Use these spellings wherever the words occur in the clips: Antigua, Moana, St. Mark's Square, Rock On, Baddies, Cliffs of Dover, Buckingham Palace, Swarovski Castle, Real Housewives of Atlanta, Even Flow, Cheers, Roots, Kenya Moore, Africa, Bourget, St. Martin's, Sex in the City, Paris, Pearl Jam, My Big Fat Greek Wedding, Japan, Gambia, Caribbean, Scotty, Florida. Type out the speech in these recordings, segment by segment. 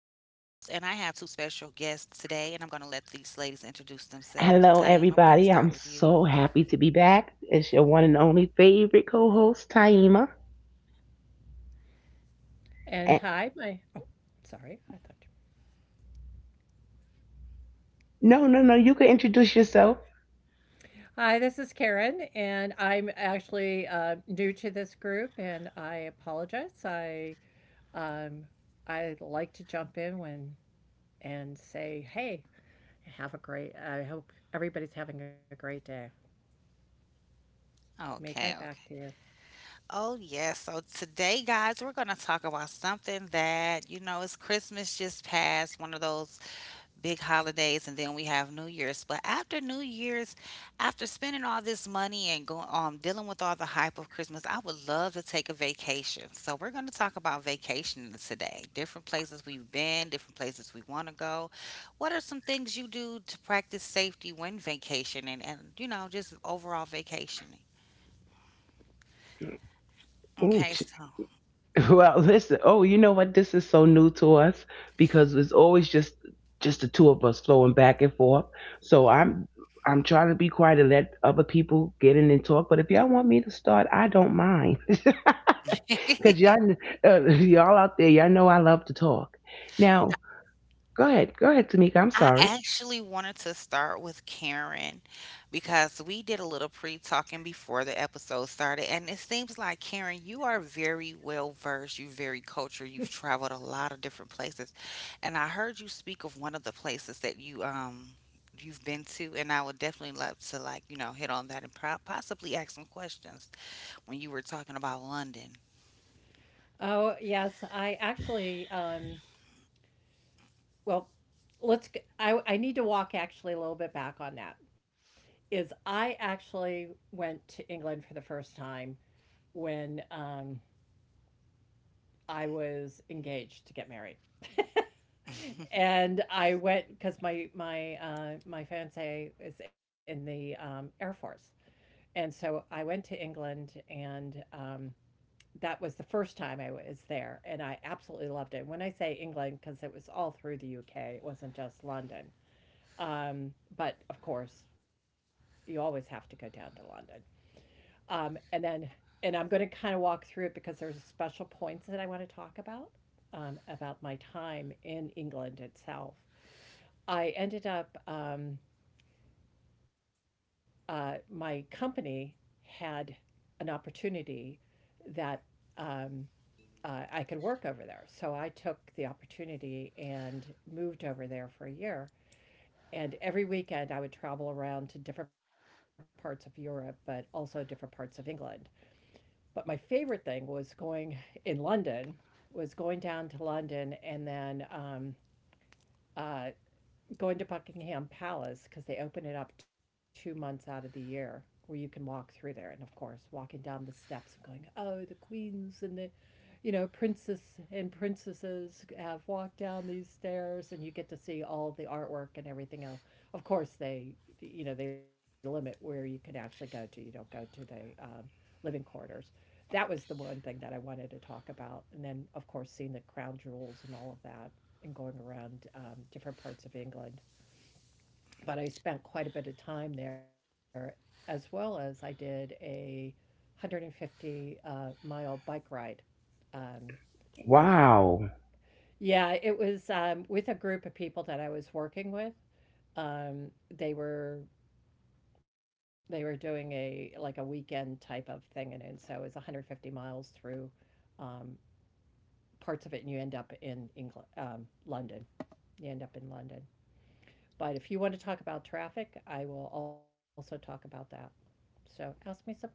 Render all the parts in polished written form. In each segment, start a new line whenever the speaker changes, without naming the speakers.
these ladies introduce themselves. Taima, we're going to start with you.
Hello, everybody. I'm so happy to be back. It's your one and only favorite co host, Taima.
And
And-
hi, my— sorry, I thought you.
no, no, no. You can introduce yourself.
Hi, this is Karen, and I'm actually new to this group, and I apologize. Um, I like to jump in when— and say, "Hey, have a great— I hope everybody's having a great day." Tamika,
Okay,
back to
okay.
you.
Oh, yes. So today, guys, we're going to talk about something that, it's Christmas just passed, one of those big holidays and then we have New Year's. But after New Year's, after spending all this money and going dealing with all the hype of Christmas, I would love to take a vacation. So we're going to talk about vacations today. Different places we've been, different places we want to go. What are some things you do to practice safety when vacationing and, you know, just overall vacationing?
Ooh,
Okay,
ch-
so
well, listen. Oh, you know what? This is so new to us because it's always just the two of us flowing back and forth. So I'm I'm trying to be quiet and let other people get in and talk. But if y'all want me to start, I don't mind. Cause y'all y'all out there, y'all know I love to talk. Now, go ahead. Go ahead, Tamika. I'm
I
sorry.
actually wanted to start with Karen because we did a little pre-talking before the episode started, and it seems like, Karen, you are very well versed, you're very cultured, you've traveled a lot of different places, and I heard you speak of one of the places that you you've been to, and I would definitely love to, like, you know, hit on that and possibly ask some questions when you were talking about London.
Oh yes, I actually. Well, let's. G- I need to walk actually a little bit back on that. Is I actually went to England for the first time when I was engaged to get married. And I went because my my fiance is in the Air Force, and so I went to England, and that was the first time I was there, and I absolutely loved it. When I say England, because it was all through the UK, it wasn't just London. But of course, you always have to go down to London. Um, and then, and I'm going to kind of walk through it because there's special points that I want to talk about, about my time in England itself. I ended up, um, my company had an opportunity that, um, I could work over there. So I took the opportunity and moved over there for a year. And every weekend I would travel around to different parts of Europe, but also different parts of England. But my favorite thing was going— in London, was going down to London and then, uh, going to Buckingham Palace because they open it up 2 months out of the year where you can walk through there. And of course, walking down the steps and going, oh, the queens and the— princess and princesses have walked down these stairs, and you get to see all the artwork and everything else. Of course, they, you know, they limit where you can actually go to. You don't go to the living quarters. That was the one thing that I wanted to talk about. And then, of course, seeing the crown jewels and all of that, and going around different parts of England. But I spent quite a bit of time there, as well as I did a 150 mile bike ride um, with—
Wow.
yeah, it was with a group of people that I was working with. Um, they were they were doing a— like a weekend type of thing, and so it was 150 miles through, um, and you end up in England, London. You end up in London. But if you want to talk about traffic, I will also talk about that. So ask me some questions.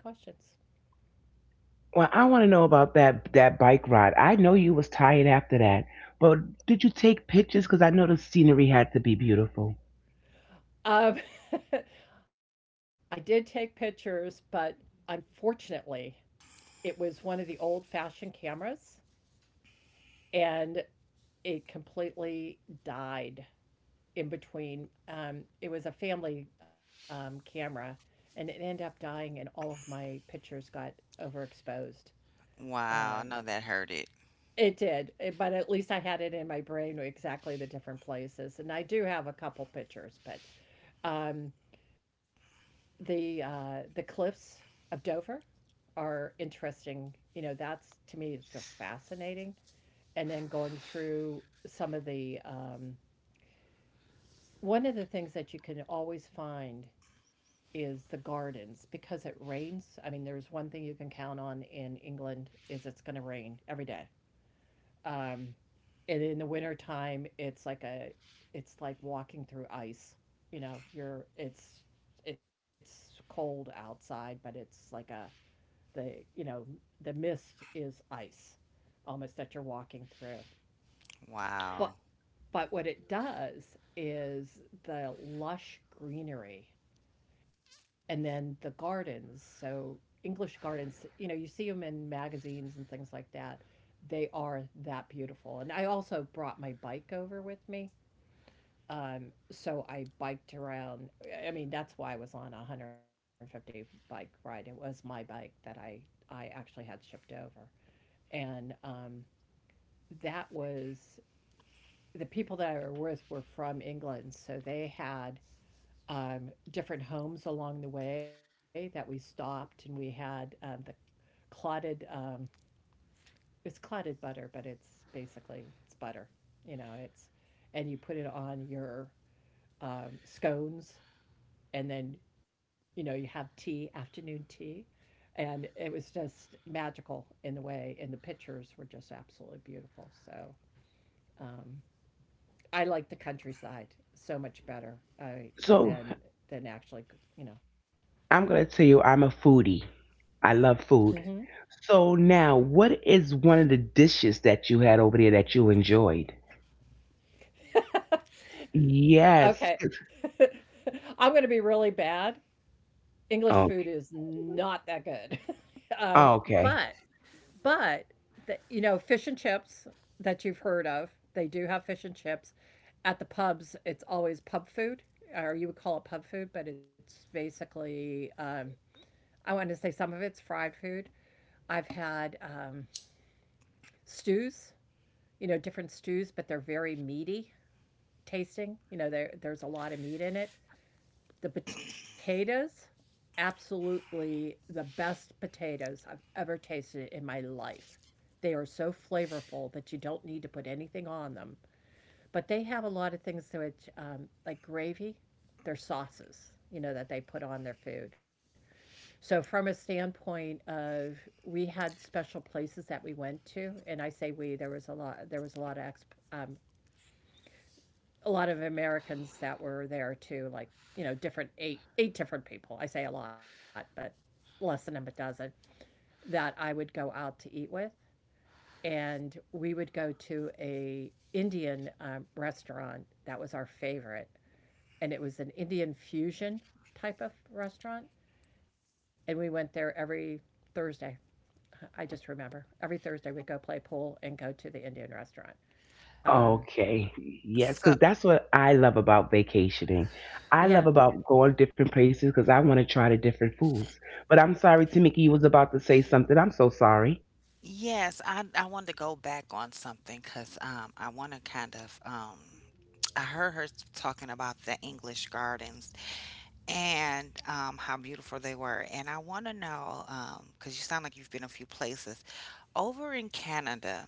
Well, I want to know about that bike ride. I know you was tired after that, but did you take pictures? Because I know the scenery had to be beautiful.
Um, I did take pictures, but unfortunately, it was one of the old fashioned cameras and it completely died in between. It was a family camera, and it ended up dying, and all of my pictures got overexposed.
Wow, I
Um,
know that hurt it.
it did, eh, but at least I had it in my brain exactly the different places. And I do have a couple pictures, but, um, the cliffs of Dover are interesting. You know, that's to me just fascinating. And then going through some of the— one of the things that you can always find is the gardens, because it rains. I mean, there's one thing you can count on in England is it's going to rain every day. Um, and in the winter time, it's like walking through ice. You know, you're it's— it's cold outside, but it's like a— the, you know, the mist is ice almost that you're walking through.
Wow.
But But what it does is the lush greenery and then the gardens. So, English gardens, you know, you see them in magazines and things like that. They are that beautiful. And I also brought my bike over with me. So I biked around. I mean, that's why I was on a 150 bike ride. It was my bike that I actually had shipped over. And that was— the people that I were with were from England, so they had different homes along the way that we stopped, and we had the clotted. It's clotted butter, but it's basically it's butter. You know, it's— and you put it on your scones, and then, you know, you have tea, afternoon tea, and it was just magical in the way, and the pictures were just absolutely beautiful. So, um, I like the countryside so much better
So
than than actually, you know.
I'm gonna tell you, I'm a foodie. I love food.
Hmm.
So now, what is one of the dishes that you had over there that you enjoyed? Yes.
Okay. I'm going to be really bad. English
Oh,
food is not that good. Um,
okay.
but— but the, you know, fish and chips that you've heard of, they do have fish and chips at the pubs. It's always pub food, or you would call it pub food, but it's basically, I want to say some of it's fried food. I've had stews, you know, different stews, but they're very meaty tasting. You know, there's a lot of meat in it. The potatoes, absolutely the best potatoes I've ever tasted life. They are so flavorful that you don't need to put anything on them. But they have a lot of things which, like gravy, they're sauces, you know, that they put on their food. So, from a standpoint of, we had special places that we went to, and I say there was a lot, there was a lot of um, a lot of Americans that were there too, like, you know, different— eight different people. I say a lot, but less than a dozen that I would go out to eat with. And we would go to a Indian restaurant that was our favorite, and it was an Indian fusion type of restaurant. And we went there every Thursday. I just remember every Thursday we'd go play pool and go to the Indian restaurant. Um,
Okay. Yes, because that's what I love about vacationing. I love about
yeah.
going different places because I want to try the different foods. But I'm sorry, Tamika, you was about to say something. I'm so sorry.
Yes, I wanted to go back on something because I want to kind of I heard her talking about the English gardens and, how beautiful they were, and I want to know, because you sound like you've been a few places over in Canada.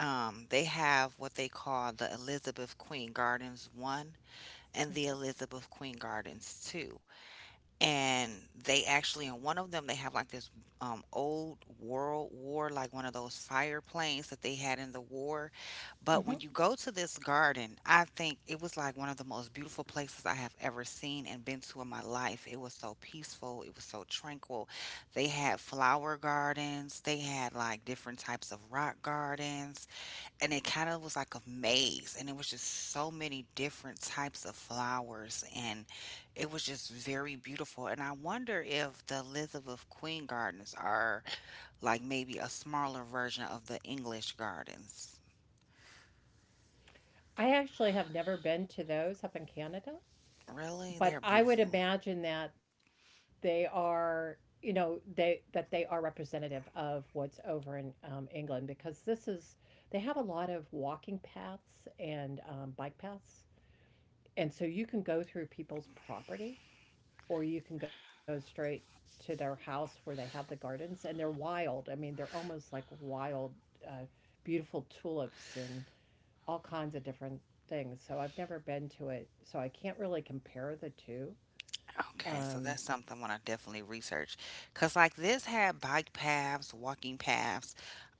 They have what they call the Elizabeth Queen Gardens One and the Elizabeth Queen Gardens Two and they actually in one of them they have like this, old world war, like one of those fire planes that they had in the war,
Hmm.
but when you go to this garden, I think it was like one of the most beautiful places I have ever seen and been to in my life. It was so peaceful, it was so tranquil. They had flower gardens, they had like different types of rock gardens, and it kind of was like a maze, and it was just so many different types of flowers, and it was just very beautiful. And I wonder if the Elizabeth Queen Gardens are like maybe a smaller version of the English gardens.
I actually have never been to those up in Canada,
Really,
but
they're
I would
beautiful.
imagine that they are, you know, they that they are representative of what's over in England, because this is— they have a lot of walking paths and bike paths, and so you can go through people's property or you can go straight to their house where they have the gardens, and they're wild. I mean, they're almost like wild, uh, beautiful tulips and all kinds of different things. So I've never been to it, so I can't really compare the two.
Okay, so
Um,
that's something I want to definitely research. Because, like, this had bike paths, walking paths,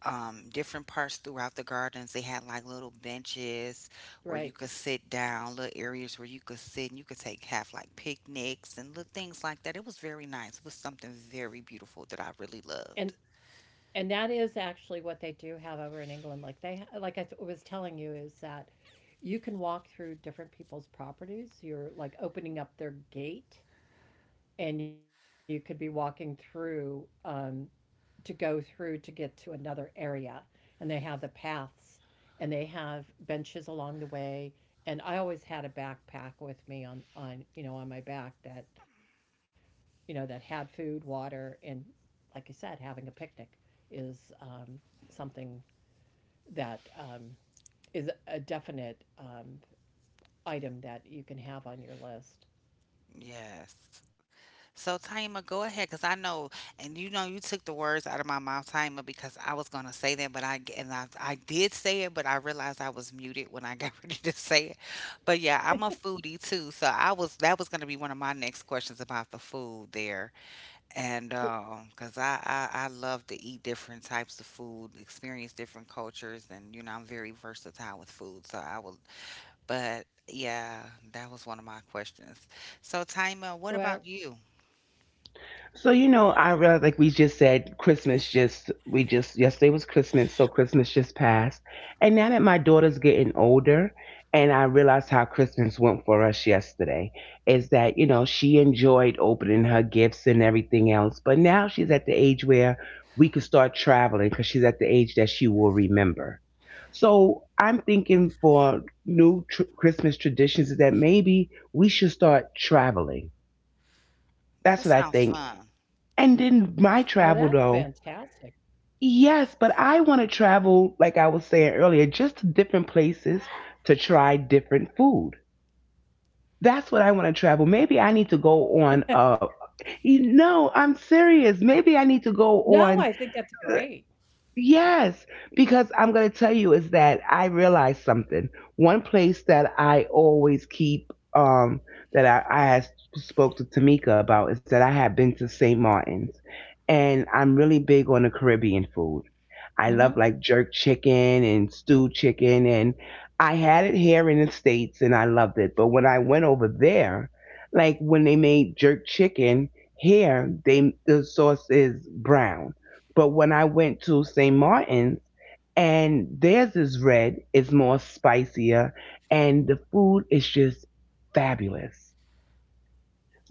different parts throughout the gardens. They had, like, little benches where
right.
you could sit down, little areas where you could sit and you could take, have, like, picnics and little things like that. It was very nice. It was something very beautiful that I
And—
really loved.
and that is actually what they do have over in England. Like they— like I was telling you is that you can walk through different people's properties. You're like opening up their gate, and you could be walking through to go through to get to another area. And they have the paths and they have benches along the way. And I always had a backpack with me on, you know, on my back that, you know, that had food, water, and, like I said, having a picnic is, something that is a definite item that you can have on your list.
Yes. So Taima, go ahead, because I know, and you know, you took the words out of my mouth, Taima, because I was gonna say that, but I did say it, but I realized I was muted when I got ready to say it. But yeah, I'm a foodie too, so I was that was gonna be one of my next questions about the food there,
W-
and because I love to eat different types of food, experience different cultures, and, you know, I'm very versatile with food, so I will. But yeah, that was one of my questions. So Taima,
Well,
what about you?
So you know, I realized like we just said, Christmas just we just yesterday was Christmas, so Christmas just passed, and now that my daughter's getting older, and I realized how Christmas went for us yesterday, is that you know she enjoyed opening her gifts and everything else, but now she's at the age where we could start traveling because she's at the age that she will remember. So I'm thinking for Christmas traditions is that maybe we should start traveling. That's
That
what I
sounds
think
fun.
and
oh,
then
that's
my travel though.
fantastic.
Yes, but I want to travel, like I was saying earlier, just to different places to try different food. That's what I want to travel. Maybe I need to go on a you know, I'm serious. Maybe I need to
No, I
go
think that's
on
great.
yes, because I'm going to tell you is that I realized something. One place that I always keep that I had spoke to Tamika about is that I have been to St. Martin's and I'm really big on the Caribbean food.
Hmm.
I love like jerk chicken and stewed chicken. And I had it here in the States and I loved it. But when I went over there, like when they made jerk chicken here, they the sauce is brown. But when I went to St. Martin's and theirs is red, it's more spicier, and the food is just fabulous.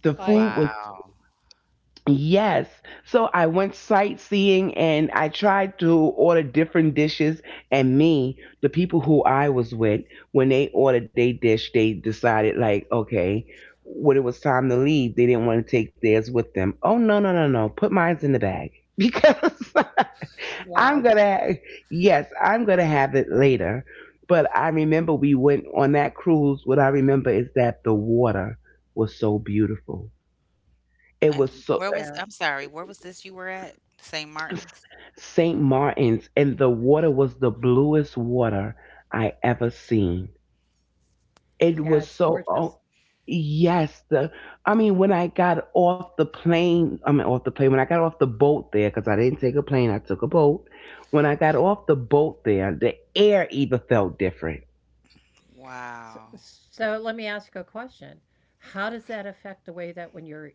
The food
I,
was
Wow.
yes. So I went sightseeing and I tried to order different dishes. And me, the people who I was with, when they ordered their dish, they decided, like, okay, when it was time to leave, they didn't want to take theirs with them. Oh, no, no, no, no. Put mine's in the bag because
wow.
I'm going to, yes, I'm going to have it later. But I remember we went on that cruise. What I remember is that the water was so beautiful it was
And
so
Yeah,
where was, I'm sorry, where was this you were at? St. Martin's?
St. Martin's, and the water was the bluest water I ever seen. It
yeah,
was
it's
so
gorgeous.
oh yes, the I mean when I got off the plane, I mean off the plane when I got off the boat there because I didn't take a plane, I took a boat. When I got off the boat there, the air even felt different.
Wow.
S So let me ask you a question. How does that affect the way that when you're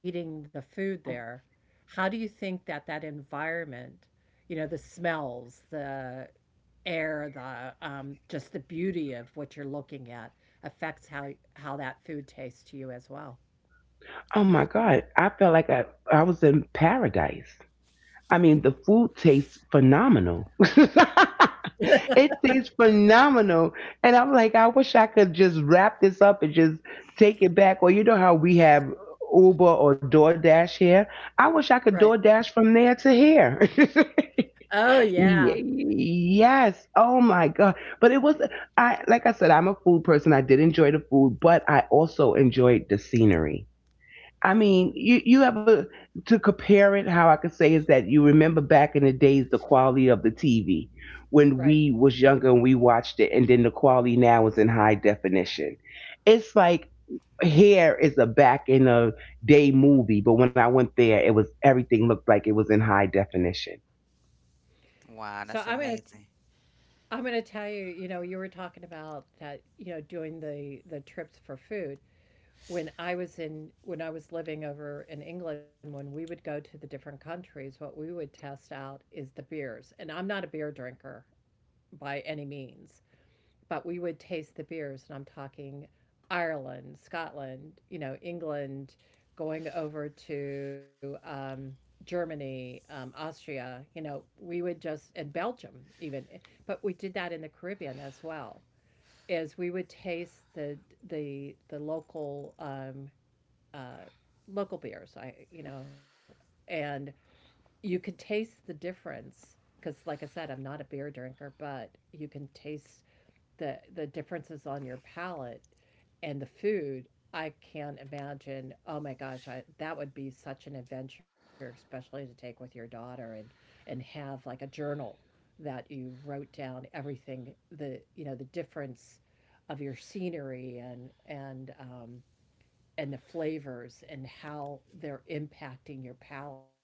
eating the food there, how do you think that that environment, you know, the smells, the air, the just the beauty of what you're looking at affects how that food tastes to you as well?
Oh my God, I felt like I was in paradise. I mean, the food tastes phenomenal. It tastes phenomenal. And I'm like, I wish I could just wrap this up and just take it back. Or you know how we have Uber or DoorDash here? I wish I could
Right.
DoorDash from there to here.
Oh yeah,
Yes. Oh my God. But it was, I, like I said, I'm a food person. I did enjoy the food, but I also enjoyed the scenery. I mean, you have a to compare it. How I could say is that you remember back in the days the quality of the TV when
right.
we was younger and we watched it, and then the quality now is in high definition. It's like here is a back in a day movie, but when I went there, it was everything looked like it was in high definition.
So
Wow,
I'm
that's
gonna t-
amazing.
I'm gonna tell you, you know, you were talking about that, you know, doing the trips for food. When I was living over in England, when we would go to the different countries, what we would test out is the beers. And I'm not a beer drinker by any means, but we would taste the beers, and I'm talking Ireland, Scotland, you know, England, going over to, Germany, Austria, you know, and Belgium even, but we did that in the Caribbean as well. Is we would taste the local uh, local beers. I, you know, and you can taste the difference because, like I said, I'm not a beer drinker, but you can taste the differences on your palate and the food. I can't imagine. Oh my gosh, I— that would be such an adventure, especially to take with your daughter, and— and have like a journal that you wrote down everything, the difference of your scenery and— and the flavors and how they're impacting your palate.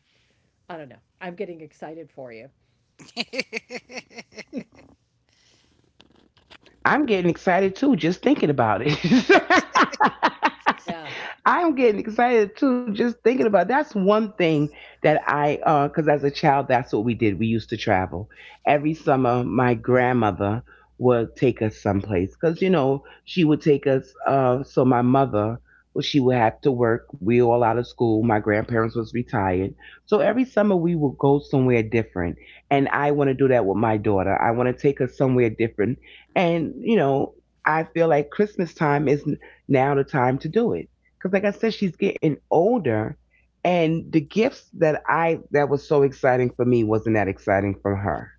I don't know. I'm getting excited for you.
I'm getting excited too, just thinking about it.
Yeah,
I'm getting excited too, just thinking about that's one thing that I because as a child that's what we did. We used to travel. Every summer my grandmother would take us someplace because you know she would take us so my mother well, she would have to work. We all out of school. My grandparents was retired. So every summer we would go somewhere different. And I want to do that with my daughter. I want to take her somewhere different and, you know, I feel like Christmas time is now the time to do it. Because, like I said, she's getting older. And the gifts that I, that was so exciting for me wasn't that exciting for her.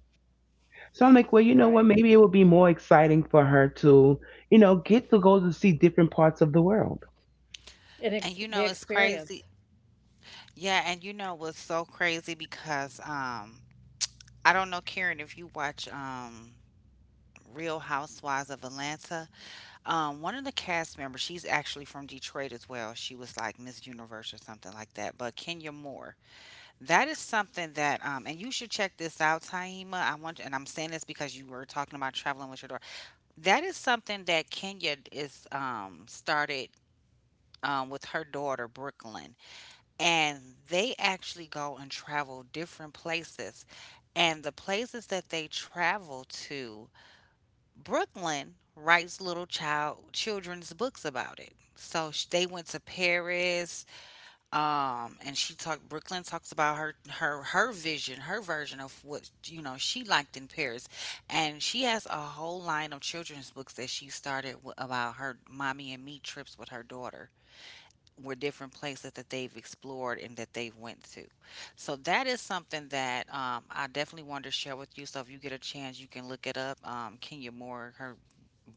So I'm like, well,
right.
you know what? Maybe it would be more exciting for her to, you know, get to go to see different parts of the world.
And
The
you know it's
experience,
crazy. Yeah, and you know what's so crazy because I don't know, Karen, if you watch Real Housewives of Atlanta, um, one of the cast members, she's actually from Detroit as well. She was like Miss Universe or something like that, but Kenya Moore. That is something that, and you should check this out, Taima. I want, and I'm saying this because you were talking about traveling with your daughter. That is something that Kenya is, started, with her daughter Brooklyn, and they actually go and travel different places, and the places that they travel to, Brooklyn writes little children's books about it. So they went to Paris, um, and she talked Brooklyn talks about her vision, her version of what, you know, she liked in Paris. And she has a whole line of children's books that she started about her mommy and me trips with her daughter were different places that they've explored and that they've went to. So that is something that, I definitely wanted to share with you. So if you get a chance, you can look it up, Kenya Moore, her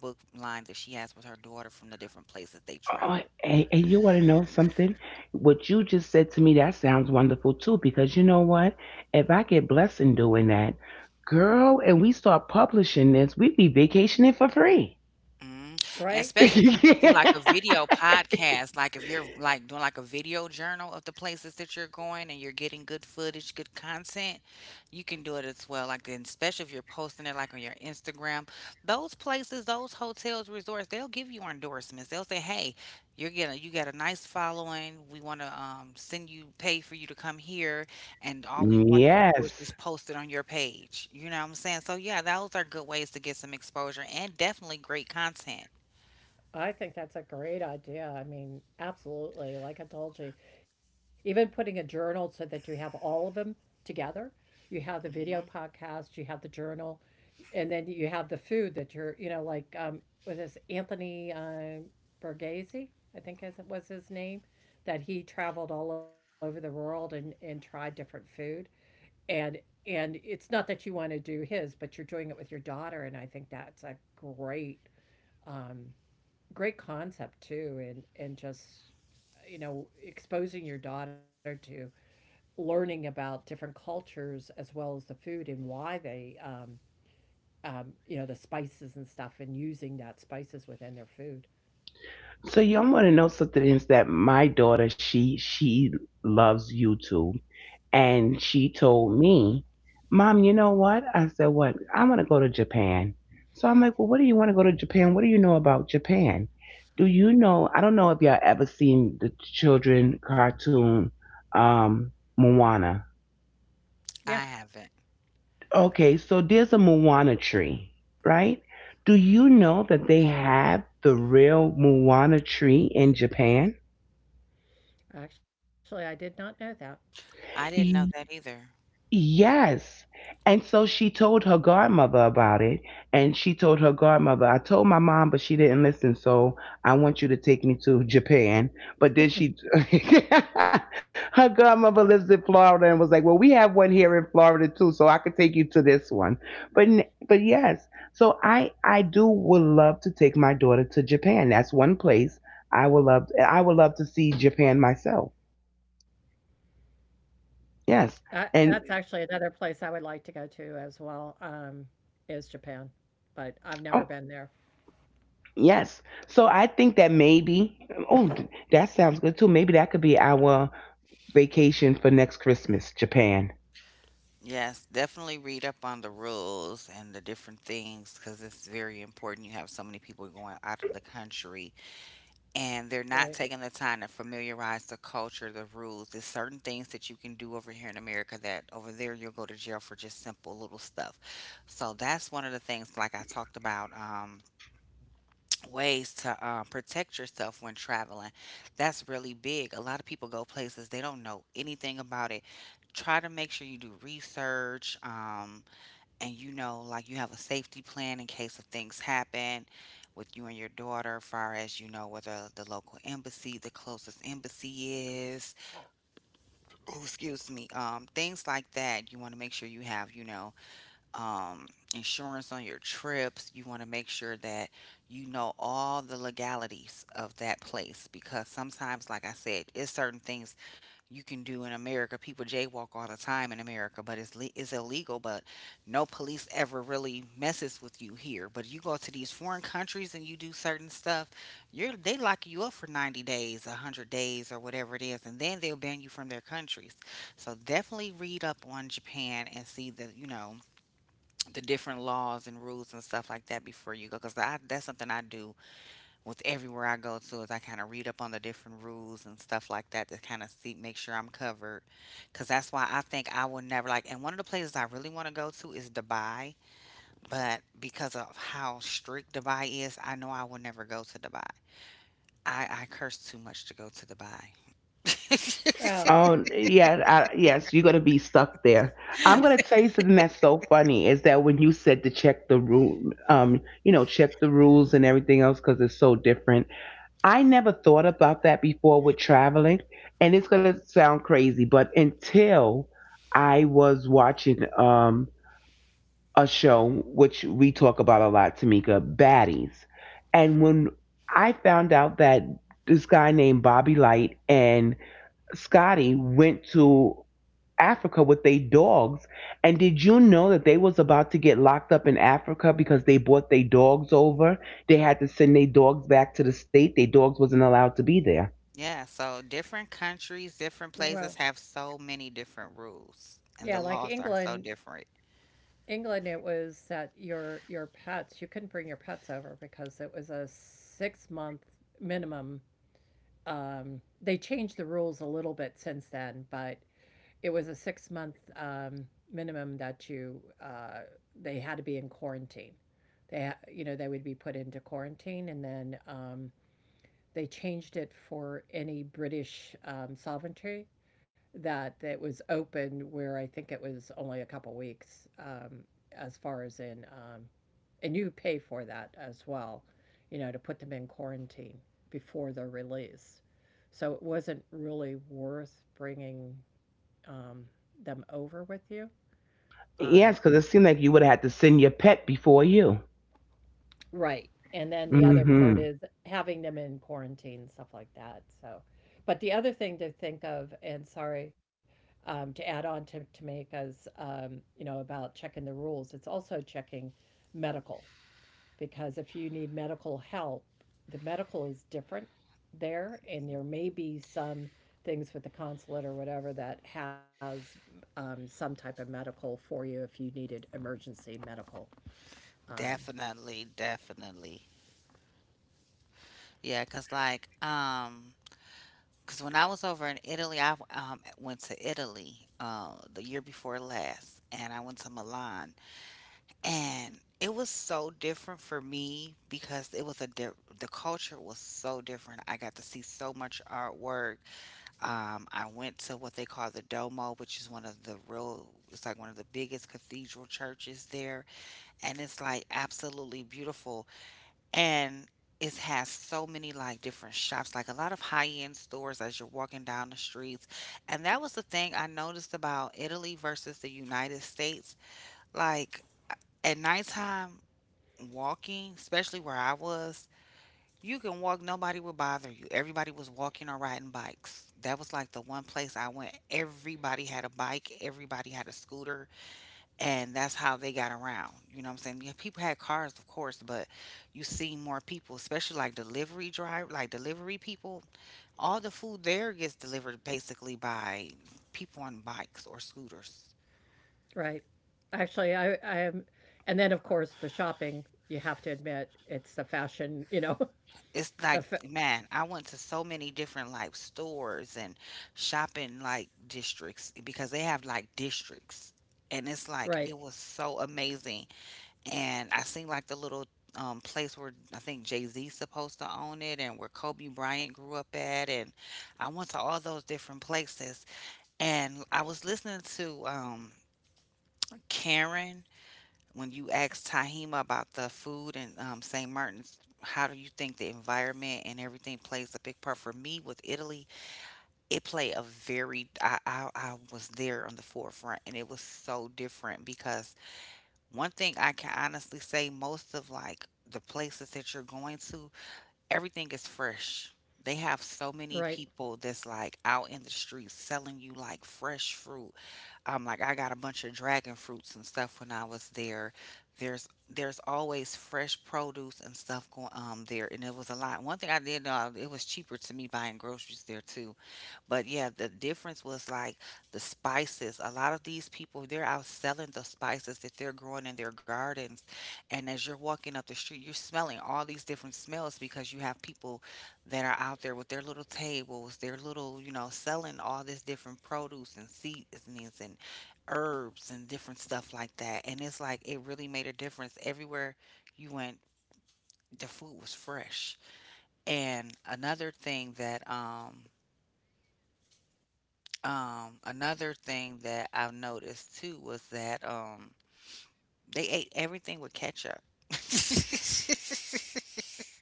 book line that she has with her daughter from the different places they
Oh,
travel.
and you want to know something? What you just said to me, that sounds wonderful too, because you know what? If I get blessed in doing that, girl, and we start publishing this, we'd be vacationing for free.
Mm, and
right?
especially if you do like a video podcast, like if you're like doing like a video journal of the places that you're going and you're getting good footage, good content, you can do it as well. Like then, especially if you're posting it like on your Instagram, those places, those hotels, resorts, they'll give you endorsements. They'll say, "Hey, you got a nice following. We want to, send you, pay for you to come here, and all we want you to do is
Yes.
just post it on your page." You know what I'm saying? So yeah, those are good ways to get some exposure and definitely great content.
I think that's a great idea. I mean, absolutely. Like I told you, even putting a journal so that you have all of them together. You have the video
Hmm.
podcast, you have the journal, and then you have the food that you're, you know, like with this Anthony Borghese, I think as it was his name, that he traveled all over the world and tried different food. And and it's not that you want to do his, but you're doing it with your daughter, and I think that's a great um, great concept too and just you know exposing your daughter to learning about different cultures as well as the food and why they you know the spices and stuff and using that spices within their food.
So y'all want to know something is that my daughter she loves YouTube, and she told me, "Mom, you know what?" I said, "What? I want to go to Japan." So I'm like, "Well, what do you want to go to Japan? What do you know about Japan? Do you know? I don't know if y'all ever seen the children cartoon, Moana.
Yeah,
I haven't.
Okay, so there's a Moana tree, right? Do you know that they have the real Moana tree in Japan?"
actually I did not know that.
I didn't know that either.
Yes. And so she told her godmother about it. And she told her godmother, I told my mom, but she didn't listen. So I want you to take me to Japan. But then she, her godmother lives in Florida and was like, well, we have one here in Florida too. So I could take you to this one. But, but yes. So I do would love to take my daughter to Japan. That's one place I would love to see Japan myself. Yes.
That's
And
actually another place I would like to go to as well, is Japan, but I've
oh,
never been there.
yes. So I think that maybe, oh, that sounds good too. Maybe that could be our vacation for next Christmas, Japan.
Yes, definitely read up on the rules and the different things because it's very important. You have so many people going out of the country and they're not
Right.
taking the time to familiarize the culture, the rules. There's certain things that you can do over here in America that over there you'll go to jail for just simple little stuff. So that's one of the things, like I talked about, ways to protect yourself when traveling. That's really big. A lot of people go places they don't know anything about it. Try to make sure you do research. And you know, like, you have a safety plan in case of things happen with you and your daughter, far as, you know, whether the local embassy, the closest embassy is, oh, excuse me, um, things like that. You want to make sure you have, you know, um, insurance on your trips. You want to make sure that you know all the legalities of that place, because sometimes, like I said, it's certain things you can do in America. People jaywalk all the time in America, but it's illegal. But no police ever really messes with you here. But you go to these foreign countries and you do certain stuff, you're they lock you up for 90 days, 100 days, or whatever it is, and then they'll ban you from their countries. So definitely read up on Japan and see, the you know, the different laws and rules and stuff like that before you go, because that's something I do with everywhere I go to, is I kind of read up on the different rules and stuff like that to kind of see make sure I'm covered. Because that's why I think I will never like, and one of the places I really want to go to is Dubai, but because of how strict Dubai is, I know I will never go to Dubai. I curse too much to go to Dubai.
well
Oh, yeah. I, yes, you're going to be stuck there. I'm going to tell you something that's so funny is that when you said to check the rule, you know, check the rules and everything else because it's so different. I never thought about that before with traveling. And it's going to sound crazy, but until I was watching. A show which we talk about a lot, Tamika, Baddies. And when I found out that this guy named Bobby Light and Scotty went to Africa with their dogs, and did you know that they was about to get locked up in Africa because they brought their dogs over? They had to send their dogs back to the state. Their dogs wasn't allowed to be there.
Yeah, so different countries, different places
well
have so many different rules, and
yeah,
the
like
laws are so
england
different.
England, it was that your pets, you couldn't bring your pets over because it was a 6 month minimum. They changed the rules a little bit since then, but it was a 6 month minimum that you they had to be in quarantine. You know they would be put into quarantine, and then they changed it for any British sovereignty that was open where I think it was only a couple weeks, as far as in, and you pay for that as well, you know, to put them in quarantine before they're released. So it wasn't really worth bringing um, them over with you. Um,
Yes, because it seemed like you would've had to send your pet before you.
Right, and then
Mm,
the other part
mhm.
is having them in quarantine, stuff like that, so but the other thing to think of, and sorry, to add on to Tameka's, you know, about checking the rules, it's also checking medical, because if you need medical help, the medical is different there, and there may be some things with the consulate or whatever that has, some type of medical for you if you needed emergency medical. um,
Definitely, definitely. Yeah. Cause like, cause when I was over in Italy, I, um, went to Italy, uh, the year before last, and I went to Milan, and it was so different for me because it was a di- the culture was so different. I got to see so much artwork. I went to what they call the Domo, which is one of the real, it's like one of the biggest cathedral churches there, and it's like absolutely beautiful. And it has so many like different shops, like a lot of high-end stores as you're walking down the streets. And that was the thing I noticed about Italy versus the United States. Like at nighttime walking, especially where I was, you can walk, nobody will bother you. Everybody was walking or riding bikes. That was like the one place I went. Everybody had a bike, everybody had a scooter, and that's how they got around. You know what I'm saying? Yeah, people had cars, of course, but you see more people, especially like delivery drive, like delivery people. All the food there gets delivered basically by people on bikes or scooters.
Right. Actually, I am. And then, of course, the shopping, you have to admit, it's the fashion, you know,
It's like,
the fa-
man, I went to so many different like stores and shopping like districts because they have like districts. And it's
Right.
like it was so amazing and I seen like the little place where I think Jay Z's supposed to own it and where Kobe Bryant grew up at, and I went to all those different places. And I was listening to Karen when you asked Tahima about the food and St. Martin's, how do you think the environment and everything plays a big part for me with Italy? It played a very I was there on the forefront, and it was so different because one thing I can honestly say, most of like the places that you're going to, everything is fresh. They have so
Right.
many people that's like out in the streets selling you like fresh fruit. Like I got a bunch of dragon fruits and stuff when I was there. There's always fresh produce and stuff going there, and it was a lot. One thing I did know, it was cheaper to me buying groceries there too, but yeah, the difference was like the spices. A lot of these people, they're out selling the spices that they're growing in their gardens. And as you're walking up the street, you're smelling all these different smells because you have people that are out there with their little tables, their little, you know, selling all this different produce and seasonings and herbs and different stuff like that. And it's like it really made a difference. Everywhere you went, the food was fresh. And another thing that I've noticed too was that they ate everything with ketchup.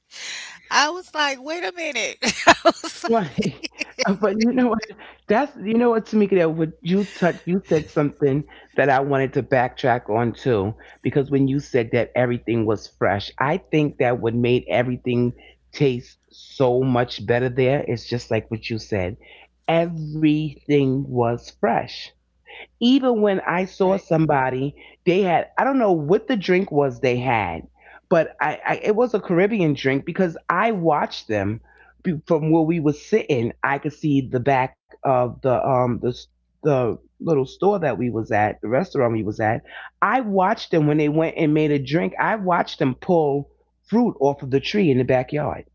I was like, wait a minute. I was like,
Right. But you know what? That's you know what, Tamika. That what you touch. You said something that I wanted to backtrack on too, because when you said that everything was fresh, I think that what made everything taste so much better there is just like what you said. Everything was fresh even when I
Right.
saw somebody, they had I don't know what the drink was they had, but I it was a Caribbean drink because I watched them from where we were sitting. I could see the back of the the little store that we was at, the restaurant we was at. I watched them when they went and made a drink. I watched them pull fruit off of the tree in the backyard,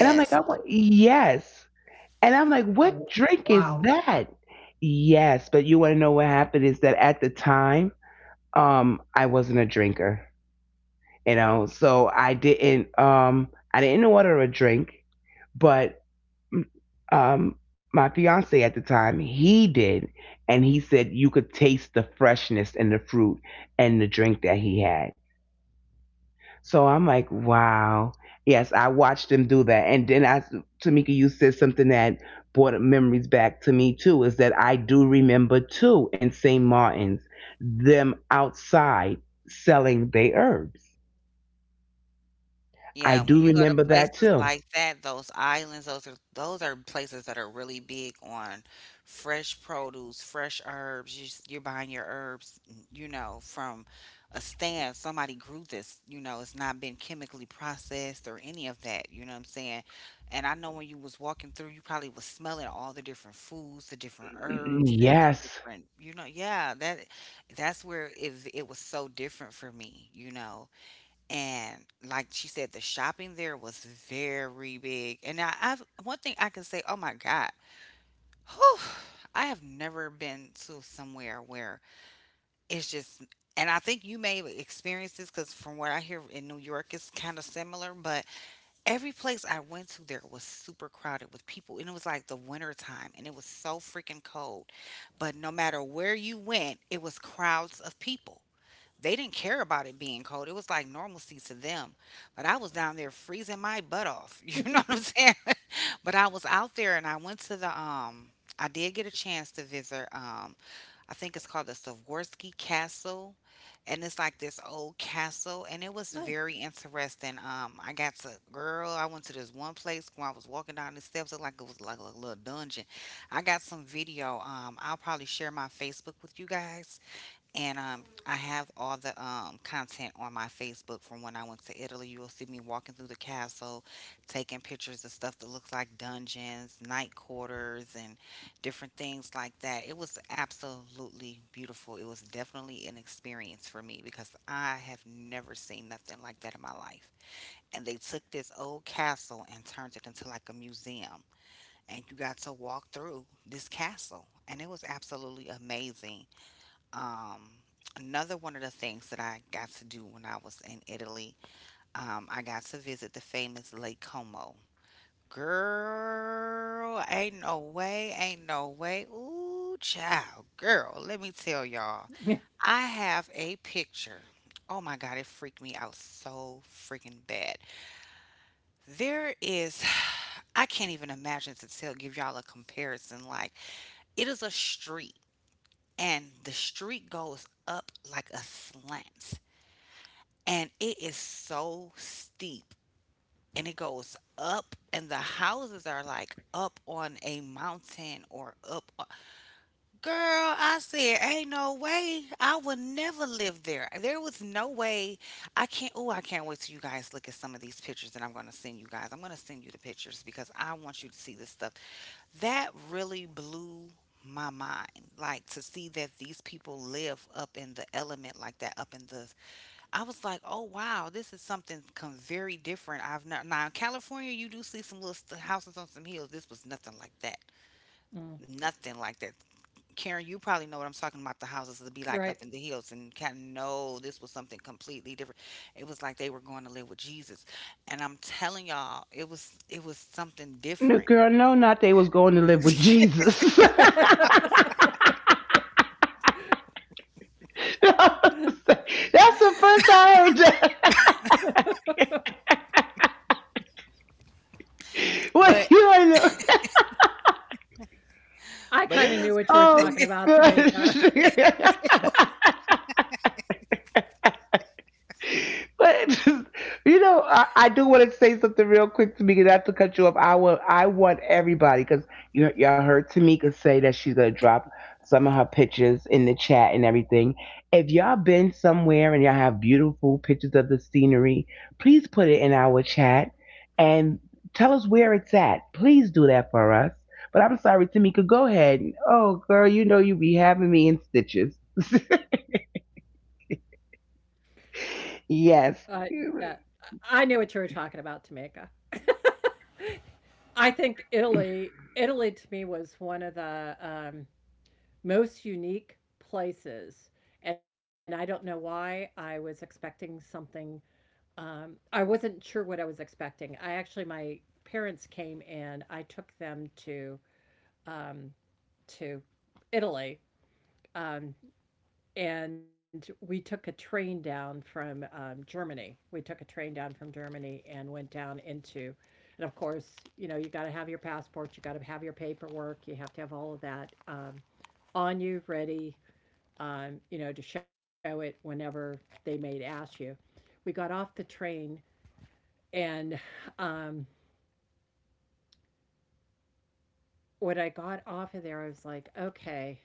and I'm like, I want yes. And I'm like,
W
what drink
wow.
is that? Yes, but you want to know what happened is that at the time, I wasn't a drinker, you know, so I didn't order a drink, but my fiance at the time, he did, and he said you could taste the freshness and the fruit and the drink that he had. So I'm like, wow. Yes, I watched them do that. And then Tamika, you said something that brought memories back to me too, is that I do remember too in St. Martin's, them outside selling their herbs. I
Yeah, when
do
you go to
remember that
places
too.
like that, those islands, those are places that are really big on fresh produce, fresh herbs. You're buying your herbs, you know, from a stand. Somebody grew this, you know, it's not been chemically processed or any of that, you know what I'm saying? And I know when you was walking through, you probably was smelling all the different foods, the different herbs and the
Yes.
different, you know, yeah, that that's where it was so different for me, you know, and like she said, the shopping there was very big. And I've one thing I can say, oh my God, whew, I have never been to somewhere where it's just. And I think you may have experienced this because from what I hear in New York, it's kind of similar. But every place I went to there was super crowded with people, and it was like the winter time, and it was so freaking cold. But no matter where you went, it was crowds of people. They didn't care about it being cold. It was like normalcy to them. But I was down there freezing my butt off. You know what I'm saying? But I was out there and I went to the I did get a chance to visit I think it's called the Swarovski Castle, and it's like this old castle and it was
Oh,
very interesting. I got to, girl, I went to this one place when I was walking down the steps, it like it was like a little dungeon. I got some video. I'll probably share my Facebook with you guys, and I have all the content on my Facebook from when I went to Italy. You will see me walking through the castle, taking pictures of stuff that looks like dungeons, night quarters, and different things like that. It was absolutely beautiful. It was definitely an experience for me because I have never seen nothing like that in my life. And they took this old castle and turned it into like a museum. And you got to walk through this castle. And it was absolutely amazing. um, another one of the things that I got to do when I was in Italy, I got to visit the famous Lake Como. Girl, ain't no way, ain't no way. Ooh, child, girl, let me tell y'all. I have a picture. Oh my God, it freaked me out so freaking bad. There is, I can't even imagine to tell, give y'all a comparison. Like, it is a street, and the street goes up like a slant, and it is so steep, and it goes up and the houses are like up on a mountain or up on... Girl, I said, ain't no way, I would never live there, there was no way. I can't, oh, I can't wait till you guys look at some of these pictures that I'm going to send you guys. I'm going to send you the pictures because I want you to see this stuff that really blew my mind. Like to see that these people live up in the element like that, up in the, I was like, oh wow, this is something come very different. I've not, now in California, you do see some little houses on some hills. This was nothing like that.
mm,
Nothing like that. Karen, you probably know what I'm talking about. The houses would be
right.
like up in the hills, and Cat, no, this was something completely different. It was like they were going to live with Jesus, and I'm telling y'all, it was something
No,
different.
girl, no, not they was going to live with Jesus. That's the first I heard that. What
But
you know?
I
it
kinda knew
was
what you were
Oh,
talking about,
good.
Tamika.
But you know, I do want to say something real quick, Tamika. Not to cut you off, I will. I want everybody because you know, y'all heard Tamika say that she's gonna drop some of her pictures in the chat and everything. If y'all been somewhere and y'all have beautiful pictures of the scenery, please put it in our chat and tell us where it's at. Please do that for us. But I'm sorry, Tamika. Go ahead. Oh, girl, you know you be having me in stitches.
I
Yes.
that I knew what you were talking about, Tamika. I think Italy to me was one of the, most unique places, and I don't know why I was expecting something, I wasn't sure what I was expecting. I actually my parents came and I took them um to Italy, um, and we took a train down from Germany. We took a train down from Germany and went down into, and of course, you know, you got to have your passport, you got to have your paperwork, you have to have all of that, on you, ready, you know, to show it whenever they may ask you. We got off the train, and um, when I got off of there, I was like, okay,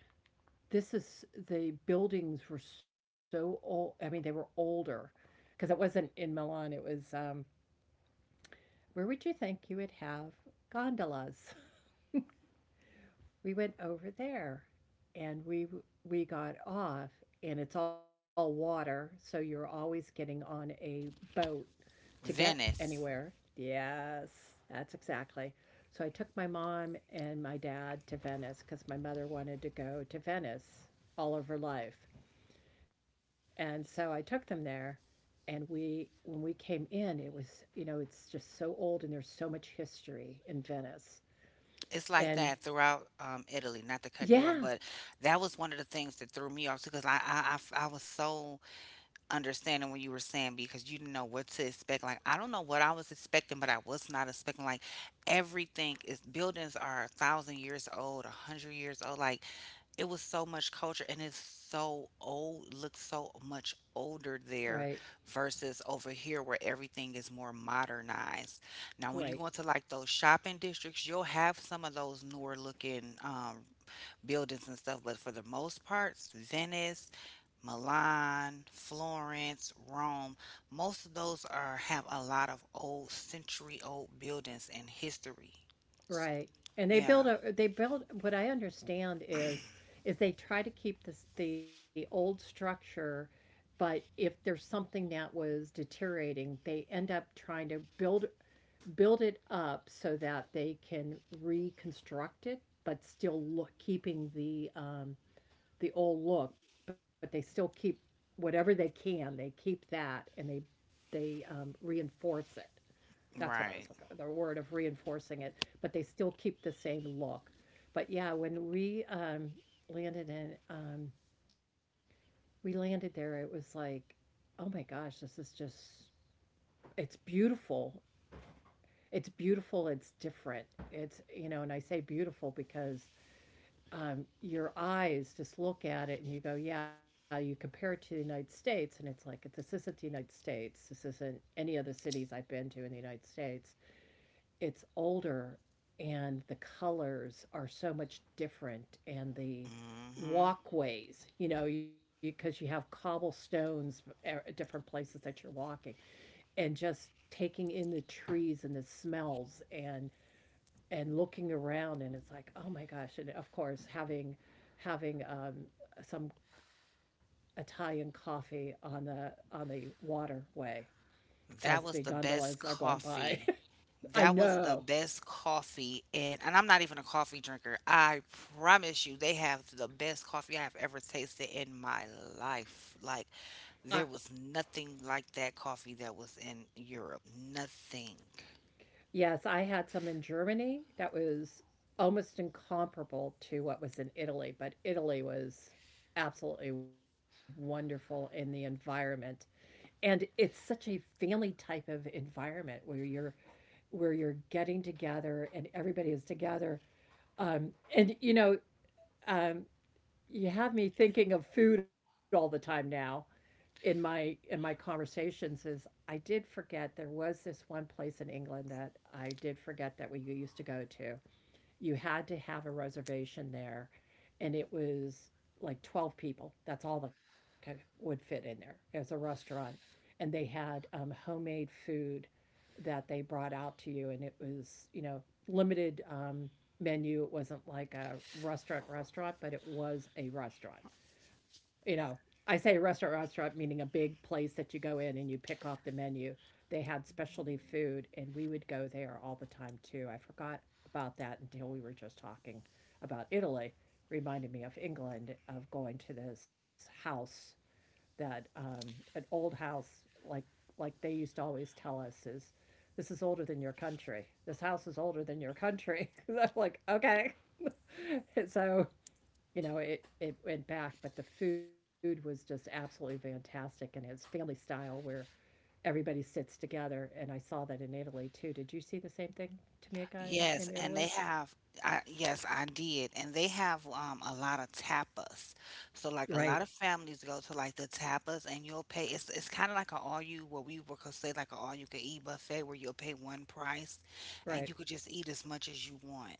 this is the buildings were so old. I mean, they were older because it wasn't in Milan. It was, where would you think you would have gondolas? We went over there, and we got off, and it's all water, so you're always getting on a boat to get
Venice.
anywhere. Yes, that's exactly. So I took my mom and my dad to Venice because my mother wanted to go to Venice all of her life. And so I took them there, and we when we came in it was, you know, it's just so old and there's so much history in Venice.
It's like
And
that throughout Italy. Not to cut you off,
yeah,
but that was one of the things that threw me off because I I was so understanding when you were saying because you didn't know what to expect. Like I don't know what I was expecting, but I was not expecting like everything is buildings are a thousand years old, a hundred years old. Like it was so much culture and it's so old, looks so much older
right.
there versus over here where everything is more modernized. Now when you
Right.
go into like those shopping districts, you'll have some of those newer looking buildings and stuff, but for the most parts, Venice, Milan, Florence, Rome. Most of those are have a lot of old century old buildings and history.
Right. And
Yeah,
they build what I understand is they try to keep this the old structure, but if there's something that was deteriorating, they end up trying to build it up so that they can reconstruct it, but still look keeping the, the old look, but they still keep whatever they can. They keep that and they, reinforce it. That's
right.
what word of reinforcing it, but they still keep the same look. But yeah, when we, landed in, we landed there, it was like, oh my gosh, this is just it's beautiful, it's beautiful, it's different, it's you know. And I say beautiful because, your eyes just look at it and you go, yeah, you compare it to the United States and it's like, this isn't the United States, this isn't any other cities I've been to in the United States. It's older, and the colors are so much different, and the
Hmm.
walkways, you know, because you have cobblestones at different places that you're walking, and just taking in the trees and the smells and looking around, and it's like, oh my gosh. And of course having having um, some Italian coffee on the waterway as the
That was the
gondolas are
best
going by.
coffee.
I
That was the
know.
best coffee, and I'm not even a coffee drinker. I promise you, they have the best coffee I have ever tasted in my life. Like
I,
there was nothing like that coffee that was in Europe. Nothing.
yes, I had some in Germany that was almost incomparable to what was in Italy, but Italy was absolutely wonderful in the environment. And it's such a family type of environment where you're getting together and everybody is together. And you know, um, you have me thinking of food all the time now in my conversations is I did forget there was this one place in England that I did forget that we used to go to. You had to have a reservation there and it was like 12 people. That's all that could, would fit in there. It was a restaurant. And they had, homemade food that they brought out to you, and it was you know limited, menu. It wasn't like a restaurant restaurant, but it was a restaurant. You know, I say restaurant restaurant meaning a big place that you go in and you pick off the menu. They had specialty food, and we would go there all the time too. I forgot about that until we were just talking about Italy. Me of England of going to this house that, an old house like they used to always tell us is this is older than your country. This house is older than your country. I'm like, okay. And so, you know, it went back, but the food was just absolutely fantastic. And it's family style where everybody sits together. And I saw that in Italy too. Did you see the same thing, Tamika,
Yes,
in
and
Italy?
they have, I yes, I did. And they have a lot of tapas. So like a
Right,
lot of families go to like the tapas and you'll pay, it's kind of like an all you, what we would say, like an all you can eat buffet where you'll pay one price and
right.
you could just eat as much as you want.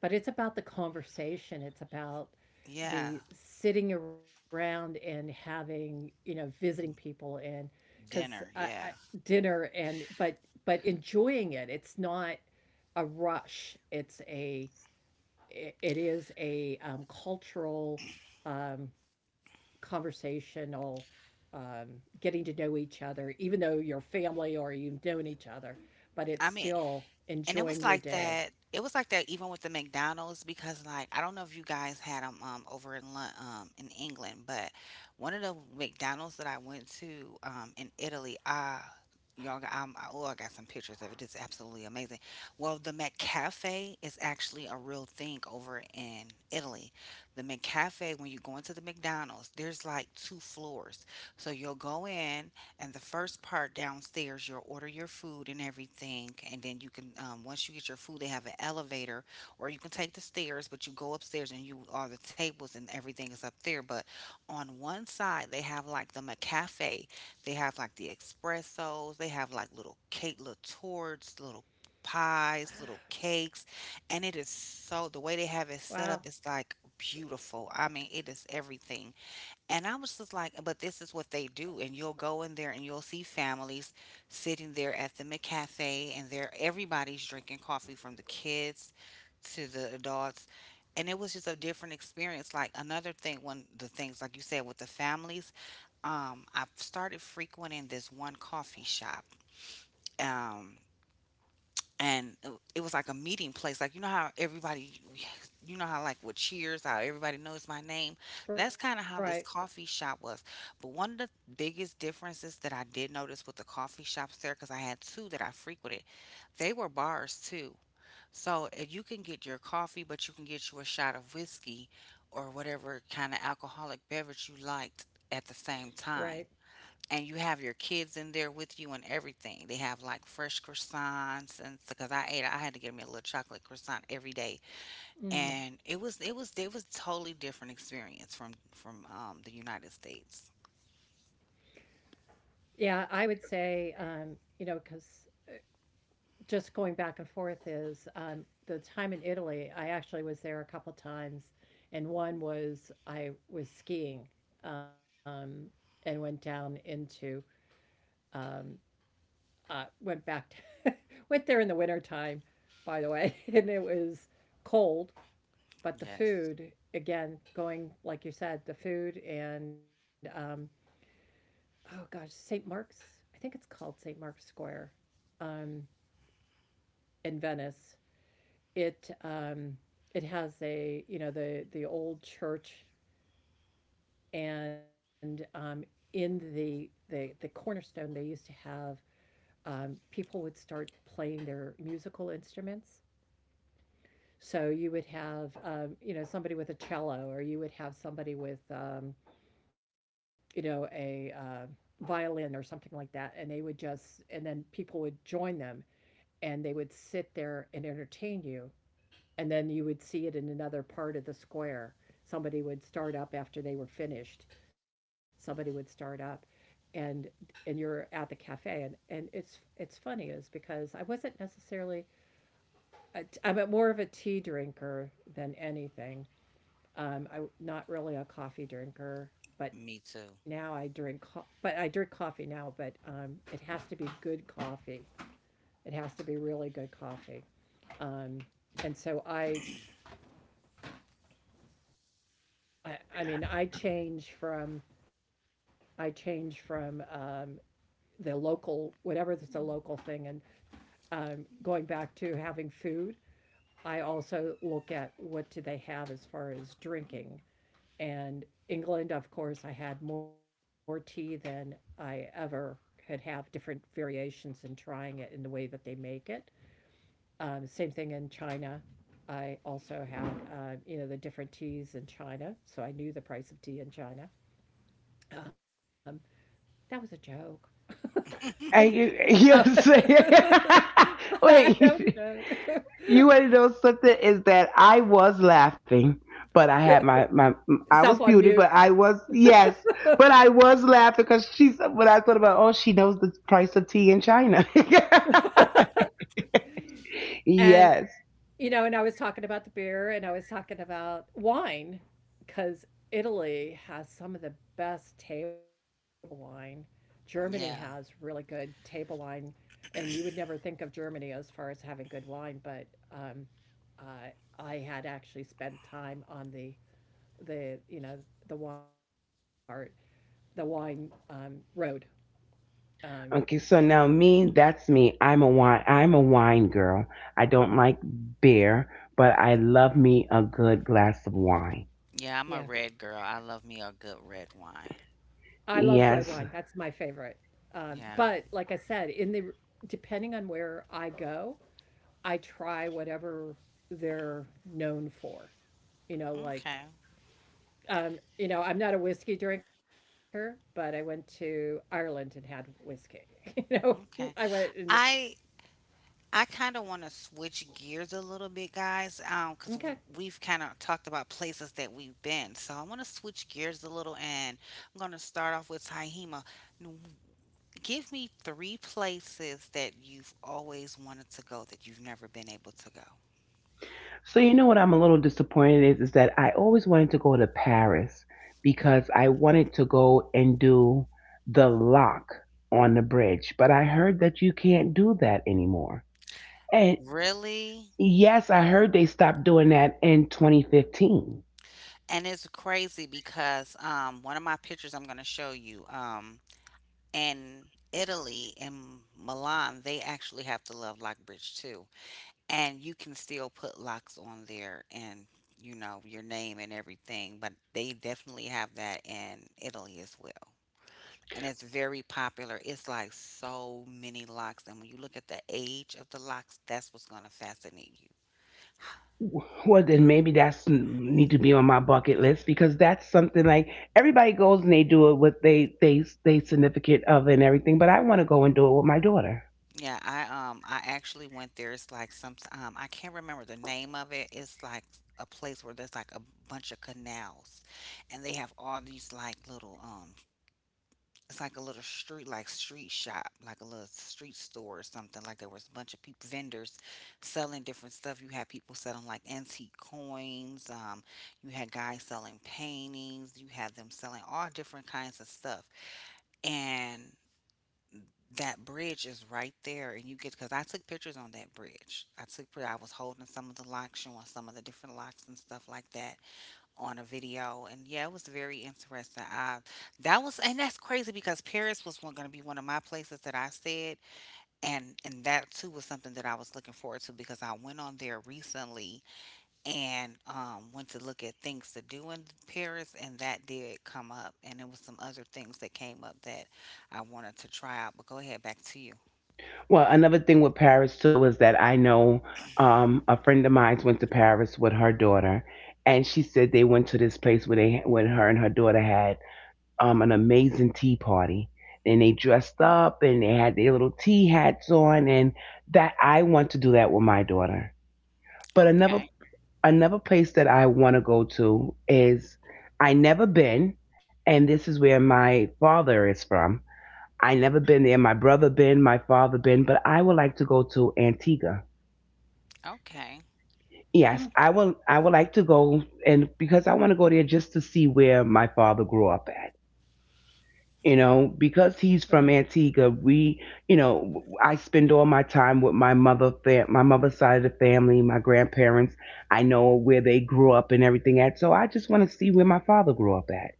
But it's about the conversation. It's about
Yeah.
the sitting around and having, you know, visiting people and because
Dinner, yeah.
dinner and but enjoying it. It's not a rush. It's a it it is a, cultural, um, conversational, um, getting to know each other, even though you're family or you've known each other, but it's
I mean,
still
and it
enjoying
was
your
like
day.
that. It was like that even with the McDonald's because like I don't know if you guys had them over in in England, but one of the McDonald's that I went to in Italy, ah, y'all got, oh, I got some pictures of it. It's absolutely amazing. Well, the McCafe is actually a real thing over in Italy. The McCafe, when you go into the McDonald's, there's like two floors. So you'll go in and the first part downstairs, you'll order your food and everything. And then you can, once you get your food, they have an elevator, or you can take the stairs, but you go upstairs and you are the tables and everything is up there. But on one side, they have like the McCafe, they have like the espressos, they have like little cake, little torts, little pies, little cakes, and it is so, the way they have it set up
Wow.
is like beautiful. I mean, it is everything. And I was just like, but this is what they do. And you'll go in there and you'll see families sitting there at the McCafe and there everybody's drinking coffee from the kids to the adults. And it was just a different experience. Like another thing, one of the things like you said with the families, I've started frequenting this one coffee shop. Um, and it was like a meeting place. Like you know how everybody, you know how like with Cheers, how everybody knows my name. That's
Right.
kind of how this coffee shop was. But one of the biggest differences that I did notice with the coffee shops there, because I had two that I frequented, they were bars too. So if you can get your coffee, but you can get you a shot of whiskey or whatever kind of alcoholic beverage you liked at the same
Right.
time and you have your kids in there with you and everything. They have like fresh croissants and because I ate, I had to get me a little chocolate croissant every day,
Mm.
and it was totally different experience from the United States.
Yeah, I would say, you know, because just going back and forth is, the time in Italy. I actually was there a couple times, and one was I was skiing, um, and went down into, um, went back to, went there in the winter time, by the way, and it was cold, but the
Yes,
food again going like you said, the food and, oh gosh, St. Mark's. I think it's called St. Mark's Square, um, in Venice. It, it has a you know the old church, and, in the cornerstone they used to have, people would start playing their musical instruments. So you would have, you know, somebody with a cello, or you would have somebody with, you know, a violin or something like that, and they would just and then people would join them and they would sit there and entertain you. And then you would see it in another part of the square. Somebody would start up after they were finished. Somebody would start up, and and you're at the cafe. And it's funny is because I wasn't necessarily a, I'm more of a tea drinker than anything. I'm not really a coffee drinker. But
me
now I
too.
drink, but I drink coffee now. But it has to be good coffee. It has to be really good coffee. Um, and so I mean, I change from, the local, whatever that's a local thing and, going back to having food. I also look at what do they have as far as drinking. And England, of course, I had more tea than I ever had have different variations in trying it in the way that they make it. Same thing in China. I also had, the different teas in China, so I knew the price of tea in China. Um, that was a joke.
And
Uh,
you're saying,
that was a
wait,
joke.
you want to know something? Is that I was laughing, but I had I was
Self on
muted, but
mute.
I was, yes, but I was laughing because she's, when I thought about, oh, she knows the price of tea in China.
And
Yes.
and I was talking about the beer and I was talking about wine because Italy has some of the best table wine. Germany has really
Yeah,
good table wine, and you would never think of Germany as far as having good wine, but uh, I had actually spent time on the the wine part, the wine road. Um,
Okay, so now me, that's me. I'm a wine girl. I don't like beer, but I love me a good glass of wine.
yeah, I'm a
yeah,
red girl. I love me a good red wine.
I love red wine. That's
Yes.
my favorite. But
Yeah.
like I said, in the depending on where I go, I try whatever they're known for. You know, like
Okay.
I'm not a whiskey drinker, but I went to Ireland and had whiskey. You know, I
Okay.
went and
I I kind of want to switch gears a little bit, guys, because
okay,
we've kind of talked about places that we've been. So I want to switch gears a little, and I'm going to start off with Tahima. Give me three places that you've always wanted to go that you've never been able to go.
So you know what I'm a little disappointed is that I always wanted to go to Paris because I wanted to go and do the lock on the bridge, but I heard that you can't do that anymore. And
Really?
yes, I heard they stopped doing that in 2015.
And it's crazy because one of my pictures I'm going to show you in Italy, in Milan, they actually have the Love Lock Bridge too. And you can still put locks on there and you know your name and everything, but they definitely have that in Italy as well. And it's very popular. It's like so many locks, and when you look at the age of the locks, that's what's going to fascinate you.
Well, then maybe that's need to be on my bucket list because that's something like everybody goes and they do it with they they significant other and everything, but I want to go and do it with my daughter.
Yeah, I actually went there. It's like some I can't remember the name of it. It's like a place where there's like a bunch of canals, and they have all these like little it's like a little street, like street shop, like a little street store or something. Like, there was a bunch of people, vendors selling different stuff. You had people selling like antique coins, you had guys selling paintings, you had them selling all different kinds of stuff. And that bridge is right there. And you get, because I took pictures on that bridge, I took, I was holding some of the locks, showing some of the different locks and stuff like that on a video. And yeah, it was very interesting. I, that was, and that's crazy because Paris was going to be one of my places that I said. And that too was something that I was looking forward to, because I went on there recently and went to look at things to do in Paris, and that did come up. And there was some other things that came up that I wanted to try out, but go ahead, back to you.
Well, another thing with Paris too is that I know a friend of mine went to Paris with her daughter, and she said they went to this place where they, when her and her daughter had an amazing tea party, and they dressed up and they had their little tea hats on, and that I want to do that with my daughter. But another
Okay.
another place that I want to go to is I never been, and this is where my father is from. I never been there. My brother been, my father been, but I would like to go to Antigua.
Okay.
mm,
Yes, I will. I would like to go, and because I want to go there just to see where my father grew up at. You know,
all
because
right,
he's from Antigua, we, you know, I spend all my time with my mother, my mother's side of the family, my grandparents. I know where they grew up and everything at, so I just want to see where my father grew up at.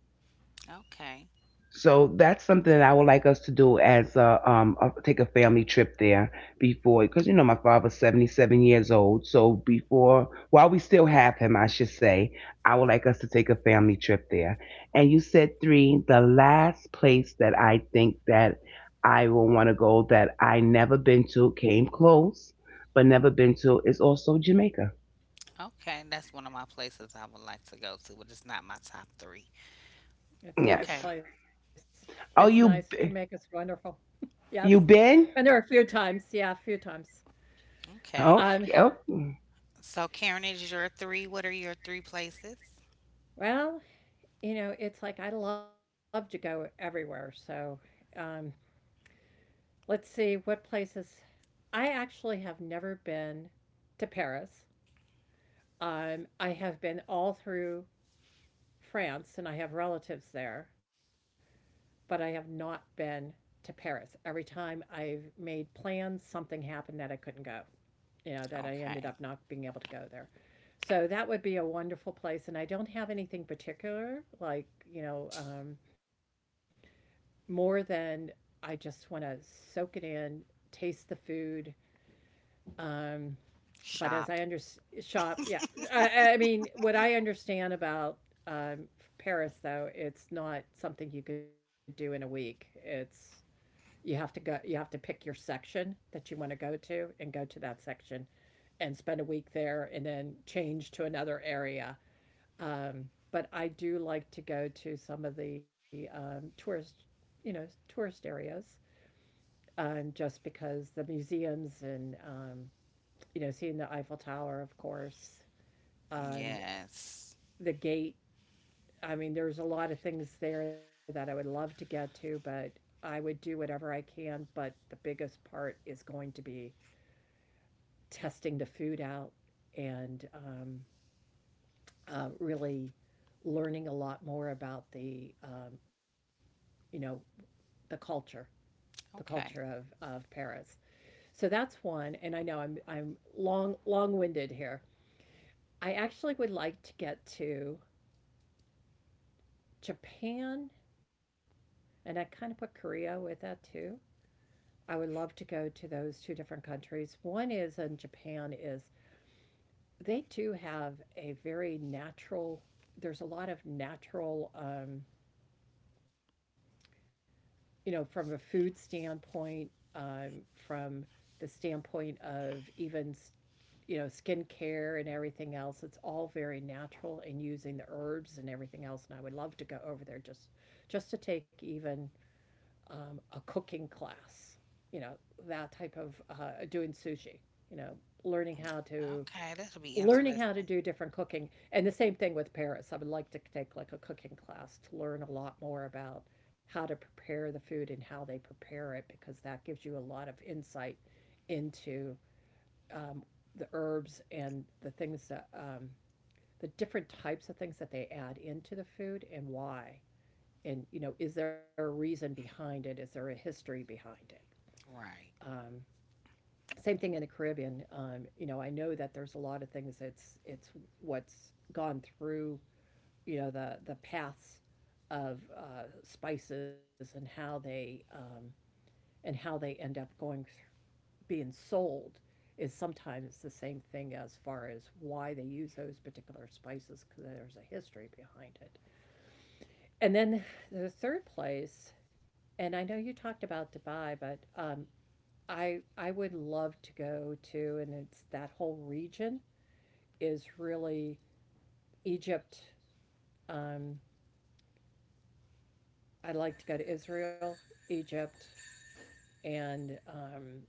Okay.
So that's something that I would like us to do as a take a family trip there before because you know my father's 77 years old. So before while we still have him, I should say, I would like us to take a family trip there. And you said three, the last place that I think that I will want to go that I never been to, came close, but never been to is also Jamaica.
Okay, that's one of my places I would like to go to, but it's not my top three.
it's a nice
Yes.
Okay.
place. It's nice.
Oh,
Jamaica's
you
wonderful. Yes,
you
been there a
been?
few times. Yeah, a few times.
Okay.
Oh,
Um,
oh.
So Karen is your three. What are your three places?
well, you know, it's like I love to go everywhere. So, um, let's see what places. I actually have never been to Paris. I have been all through France and I have relatives there, but I have not been to Paris. Every time I've made plans, something happened that I couldn't go, you know, that I
Okay.
ended up not being able to go there. So that would be a wonderful place. And I don't have anything particular, like, more than I just want to soak it in, taste the food. Um, but as I
Shop.
under shop, yeah, I mean, what I understand about um, Paris though, it's not something you could do in a week. It's you have to go, you have to pick your section that you want to go to and go to that section and spend a week there and then change to another area. Um, but I do like to go to some of the tourist, you know, tourist areas just because the museums and you know seeing the Eiffel Tower, of course, um,
Yes.
the gate. I mean, there's a lot of things there that I would love to get to, but I would do whatever I can. But the biggest part is going to be testing the food out and really learning a lot more about the you know the culture the culture
Okay.
of Paris. So that's one, and I know I'm long winded here, I actually would like to get to Japan, and I kind of put Korea with that too. I would love to go to those two different countries. One is in Japan is they do have a very natural. There's a lot of natural, you know, from a food standpoint, from the standpoint of even you know, skincare and everything else. It's all very natural and using the herbs and everything else. And I would love to go over there just to take even a cooking class. You know, that type of doing sushi. You know, learning how to
Okay, that'll be
learning how to
interesting.
do different cooking and the same thing with Paris. I would like to take like a cooking class to learn a lot more about how to prepare the food and how they prepare it because that gives you a lot of insight into um, the herbs and the things that the different types of things that they add into the food and why. And you know, is there a reason it? Is there a history behind it?
Right.
Um, Same thing in the Caribbean. You know, I know that there's a lot of things that's it's what's gone through. You know, the paths of spices and how they end up going being sold is sometimes the same thing as far as why they use those particular spices because there's a history behind it. And then the third place, and I know you talked about Dubai, but I would love to go to, and it's that whole region is really Egypt. Um, I'd like to go to Israel, Egypt, and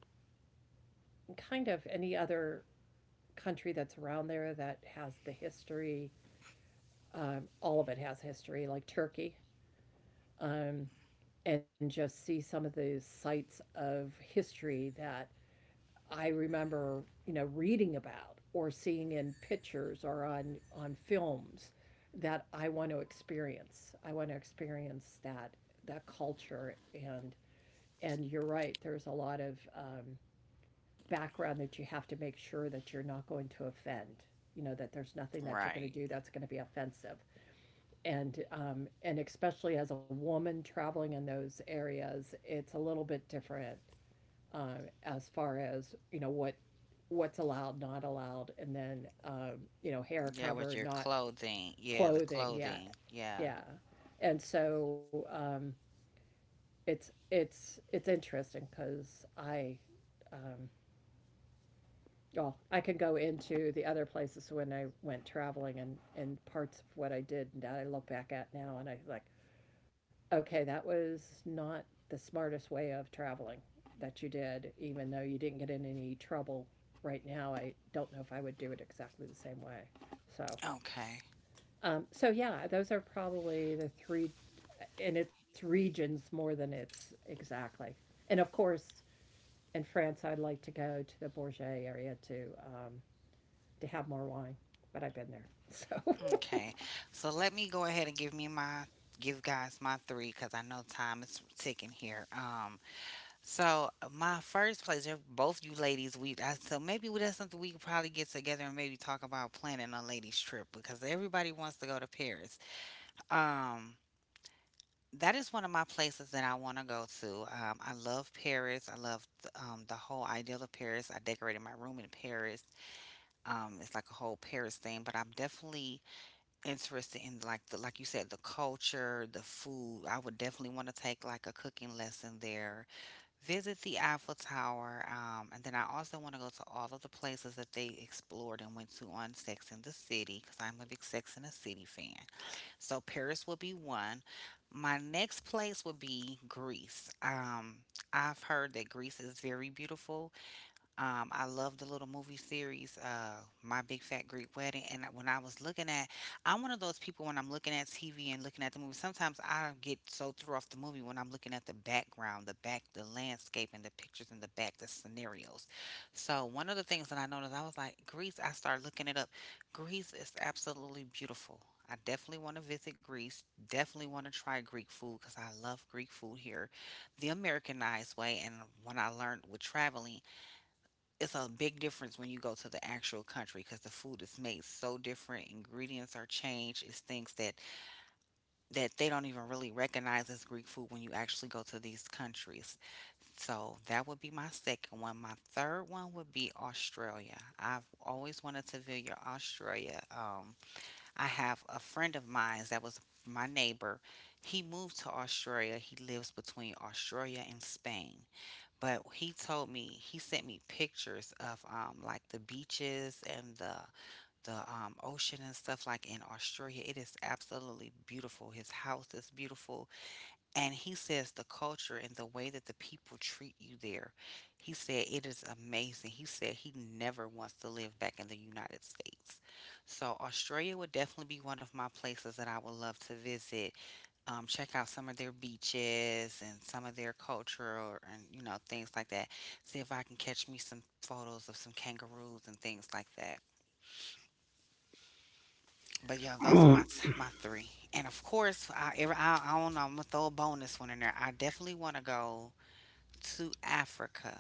kind of any other country that's around there that has the history all of it has history, like Turkey, um, and just see some of the sites of history that I remember, you know, reading about or seeing in pictures or on films that I want to experience. I want to experience that that culture and you're right. There's a lot of background that you have to make sure that you're not going to offend. You know that there's nothing that you're going to
Right.
do that's going to be offensive. And and especially as a woman traveling in those areas, it's a little bit different as far as you know what what's allowed, not allowed, and then you know hair
Yeah, with
cover,
your
not
clothing. Yeah, the
clothing. Yeah,
clothing. Yeah.
yeah, and so it's interesting because I. Um, well, I can go into the other places when I went traveling and parts of what I did that I look back at now and I like, okay, that was not the smartest way of traveling that you did, even though you didn't get in any trouble right now. I don't know if I would do it exactly the same way. So,
Okay.
so yeah, those are probably the three, and it's regions more than it's exactly. And of course, in France, I'd like to go to the Bourget area to have more wine, but I've been there, so
Okay. So let me go ahead and give me my give guys my three, because I know time is ticking here. So my first place, they're both you ladies. We I, so maybe we- that's something we could probably get together and maybe talk about planning a ladies trip, because everybody wants to go to Paris. Um, that is one of my places that I want to go to. I love Paris. I love the whole ideal of Paris. I decorated my room in Paris. It's like a whole Paris thing, but I'm definitely interested in like the, like you said, the culture, the food. I would definitely want to take like a cooking lesson there, visit the Eiffel Tower, and then I also want to go to all of the places that they explored and went to on Sex in the City, because I'm a big Sex in the City fan. So Paris would be one. My next place would be Greece. I've heard that Greece is very beautiful. I love the little movie series, My Big Fat Greek Wedding. And when I was looking at, I'm one of those people when I'm looking at TV and looking at the movie. Sometimes I get so through off the movie when I'm looking at the background, the back, the landscape, and the pictures in the back, the scenarios. So one of the things that I noticed, I was like, Greece. I started looking it up. Greece is absolutely beautiful. I definitely want to visit Greece. Definitely want to try Greek food, because I love Greek food here, the Americanized way. And when I learned with traveling, it's a big difference when you go to the actual country, because the food is made so different, ingredients are changed, it's things that they don't even really recognize as Greek food when you actually go to these countries. So that would be my second one. My third one would be Australia. I've always wanted to visit Australia, I have a friend of mine that was my neighbor. He moved to Australia. He lives between Australia and Spain, but he told me, he sent me pictures of like the beaches and the ocean and stuff like in Australia. It is absolutely beautiful. His house is beautiful, and he says the culture and the way that the people treat you there. He said it is amazing. He said he never wants to live back in the United States. So Australia would definitely be one of my places that I would love to visit, check out some of their beaches and some of their culture and you know, things like that. See if I can catch me some photos of some kangaroos and things like that. But yeah, those are my
Mm.
t- my three. And of course, I ever I don't know. I'm gonna throw a bonus one in there. I definitely want to go to Africa.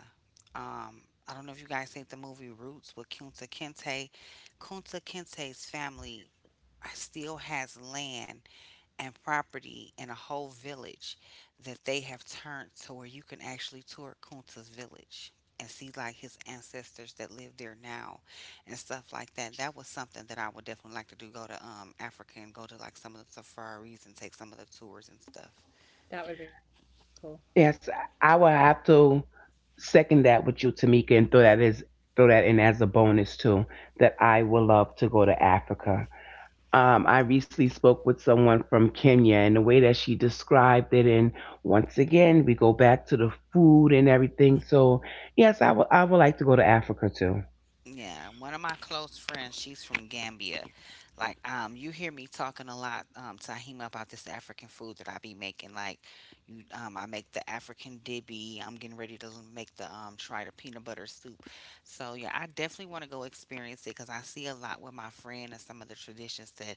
I don't know if you guys seen the movie Roots with Kunta Kinte. Kunta Kinte's family still has land and property and a whole village that they have turned to where you can actually tour Kunta's village and see like his ancestors that live there now and stuff like that. That was something that I would definitely like to do. Go to Africa and go to like some of the safaris and take some of the tours and stuff.
that would be cool.
Yes, I will have to second that with you, Tamika, and throw that as throw that in as a bonus too. That I would love to go to Africa. I recently spoke with someone from Kenya, and the way that she described it, and once again we go back to the food and everything. So yes, I would like to go to Africa too.
Yeah, one of my close friends, she's from Gambia. Like, you hear me talking a lot, Tahima, about this African food that I be making. Like, you, I make the African dibby. I'm getting ready to make the try the peanut butter soup. So yeah, I definitely want to go experience it because I see a lot with my friend and some of the traditions that,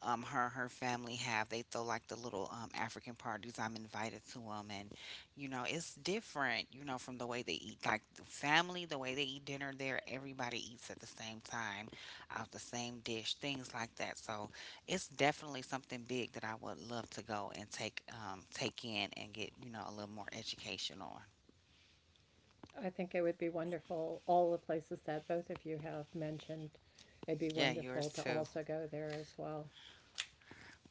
her and her family have. They throw like the little African parties. I'm invited to them, and you know, it's different, you know, from the way they eat. Like the family, the way they eat dinner there, everybody eats at the same time, out the same dish, things like that. So it's definitely something big that I would love to go and take take in and get, you know, a little more education on.
I think it would be wonderful, all the places that both of you have mentioned, it'd
Yeah,
be
yours
wonderful
too.
to also go there as well.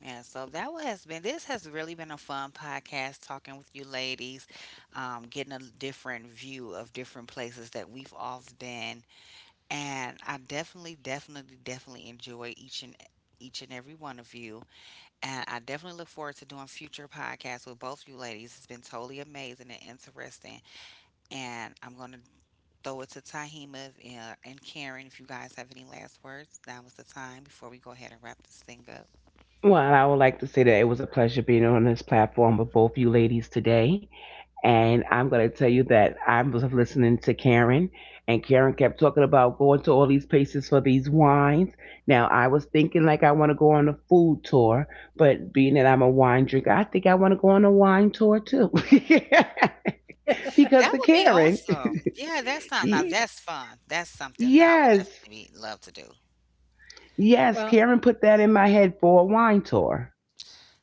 Yeah, so that what has been, this has really been a fun podcast talking with you ladies, getting a different view of different places that we've all been. And I definitely, definitely, definitely enjoy each and every one of you. And I definitely look forward to doing future podcasts with both you ladies. It's been totally amazing and interesting. And I'm gonna throw it to Tahima and Karen, if you guys have any last words. Now is the time before we go ahead and wrap this thing up.
Well, I would like to say that it was a pleasure being on this platform with both you ladies today. And I'm going to tell you that I was listening to Karen, and Karen kept talking about going to all these places for these wines. Now, I was thinking like I want to go on a food tour, but being that I'm a wine drinker, I think I want to go on a wine tour too. because
That
of
would be
Karen.
awesome. Yeah, that's not, now that's fun. That's something that I would
Yes.
definitely be, love to do.
Yes,
Well,
Karen put that in my head for a wine tour.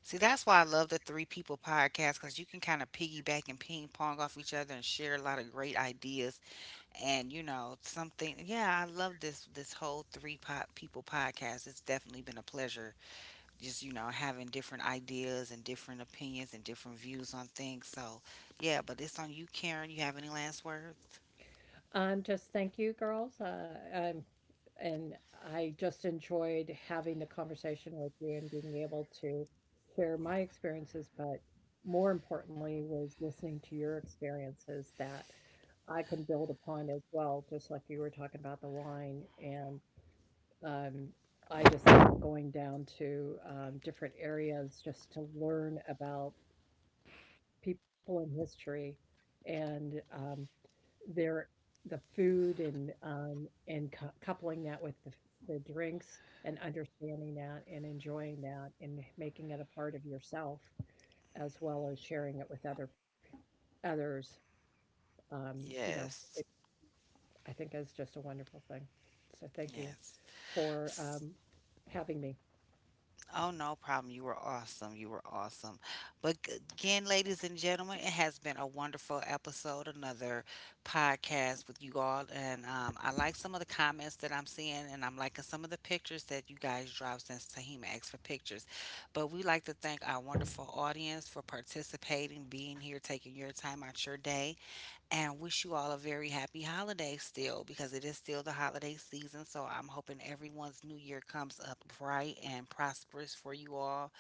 See, that's why I love the Three People podcast, because you can kind of piggyback and ping pong off each other and share a lot of great ideas, and you know something. Yeah, I love this whole Three po- People podcast. It's definitely been a pleasure, just you know, having different ideas and different opinions and different views on things. So yeah, but it's on you, Karen. You have any last words?
just thank you, girls. And I just enjoyed having the conversation with you and being able to share my experiences, but more importantly, was listening to your experiences that I can build upon as well, just like you were talking about the wine and Um, I just love going down to, different areas just to learn about people and history and, their the food and coupling that with the drinks and understanding that and enjoying that and making it a part of yourself as well as sharing it with other p others. You know, it
Yes.
I think is just a wonderful thing. So thank you
Yes.
for, having me.
Oh, no problem. You were awesome. You were awesome. But g- again, ladies and gentlemen, it has been a wonderful episode, another podcast with you all. And I like some of the comments that I'm seeing, and I'm liking some of the pictures that you guys dropped since Tahima asked for pictures. But we like to thank our wonderful audience for participating, being here, taking your time out your day and wish you all a very happy holiday still, because it is still the holiday season. So I'm hoping everyone's new year comes up bright and prosperous for you all.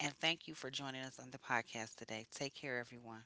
And thank you for joining us on the podcast today. Take care, everyone.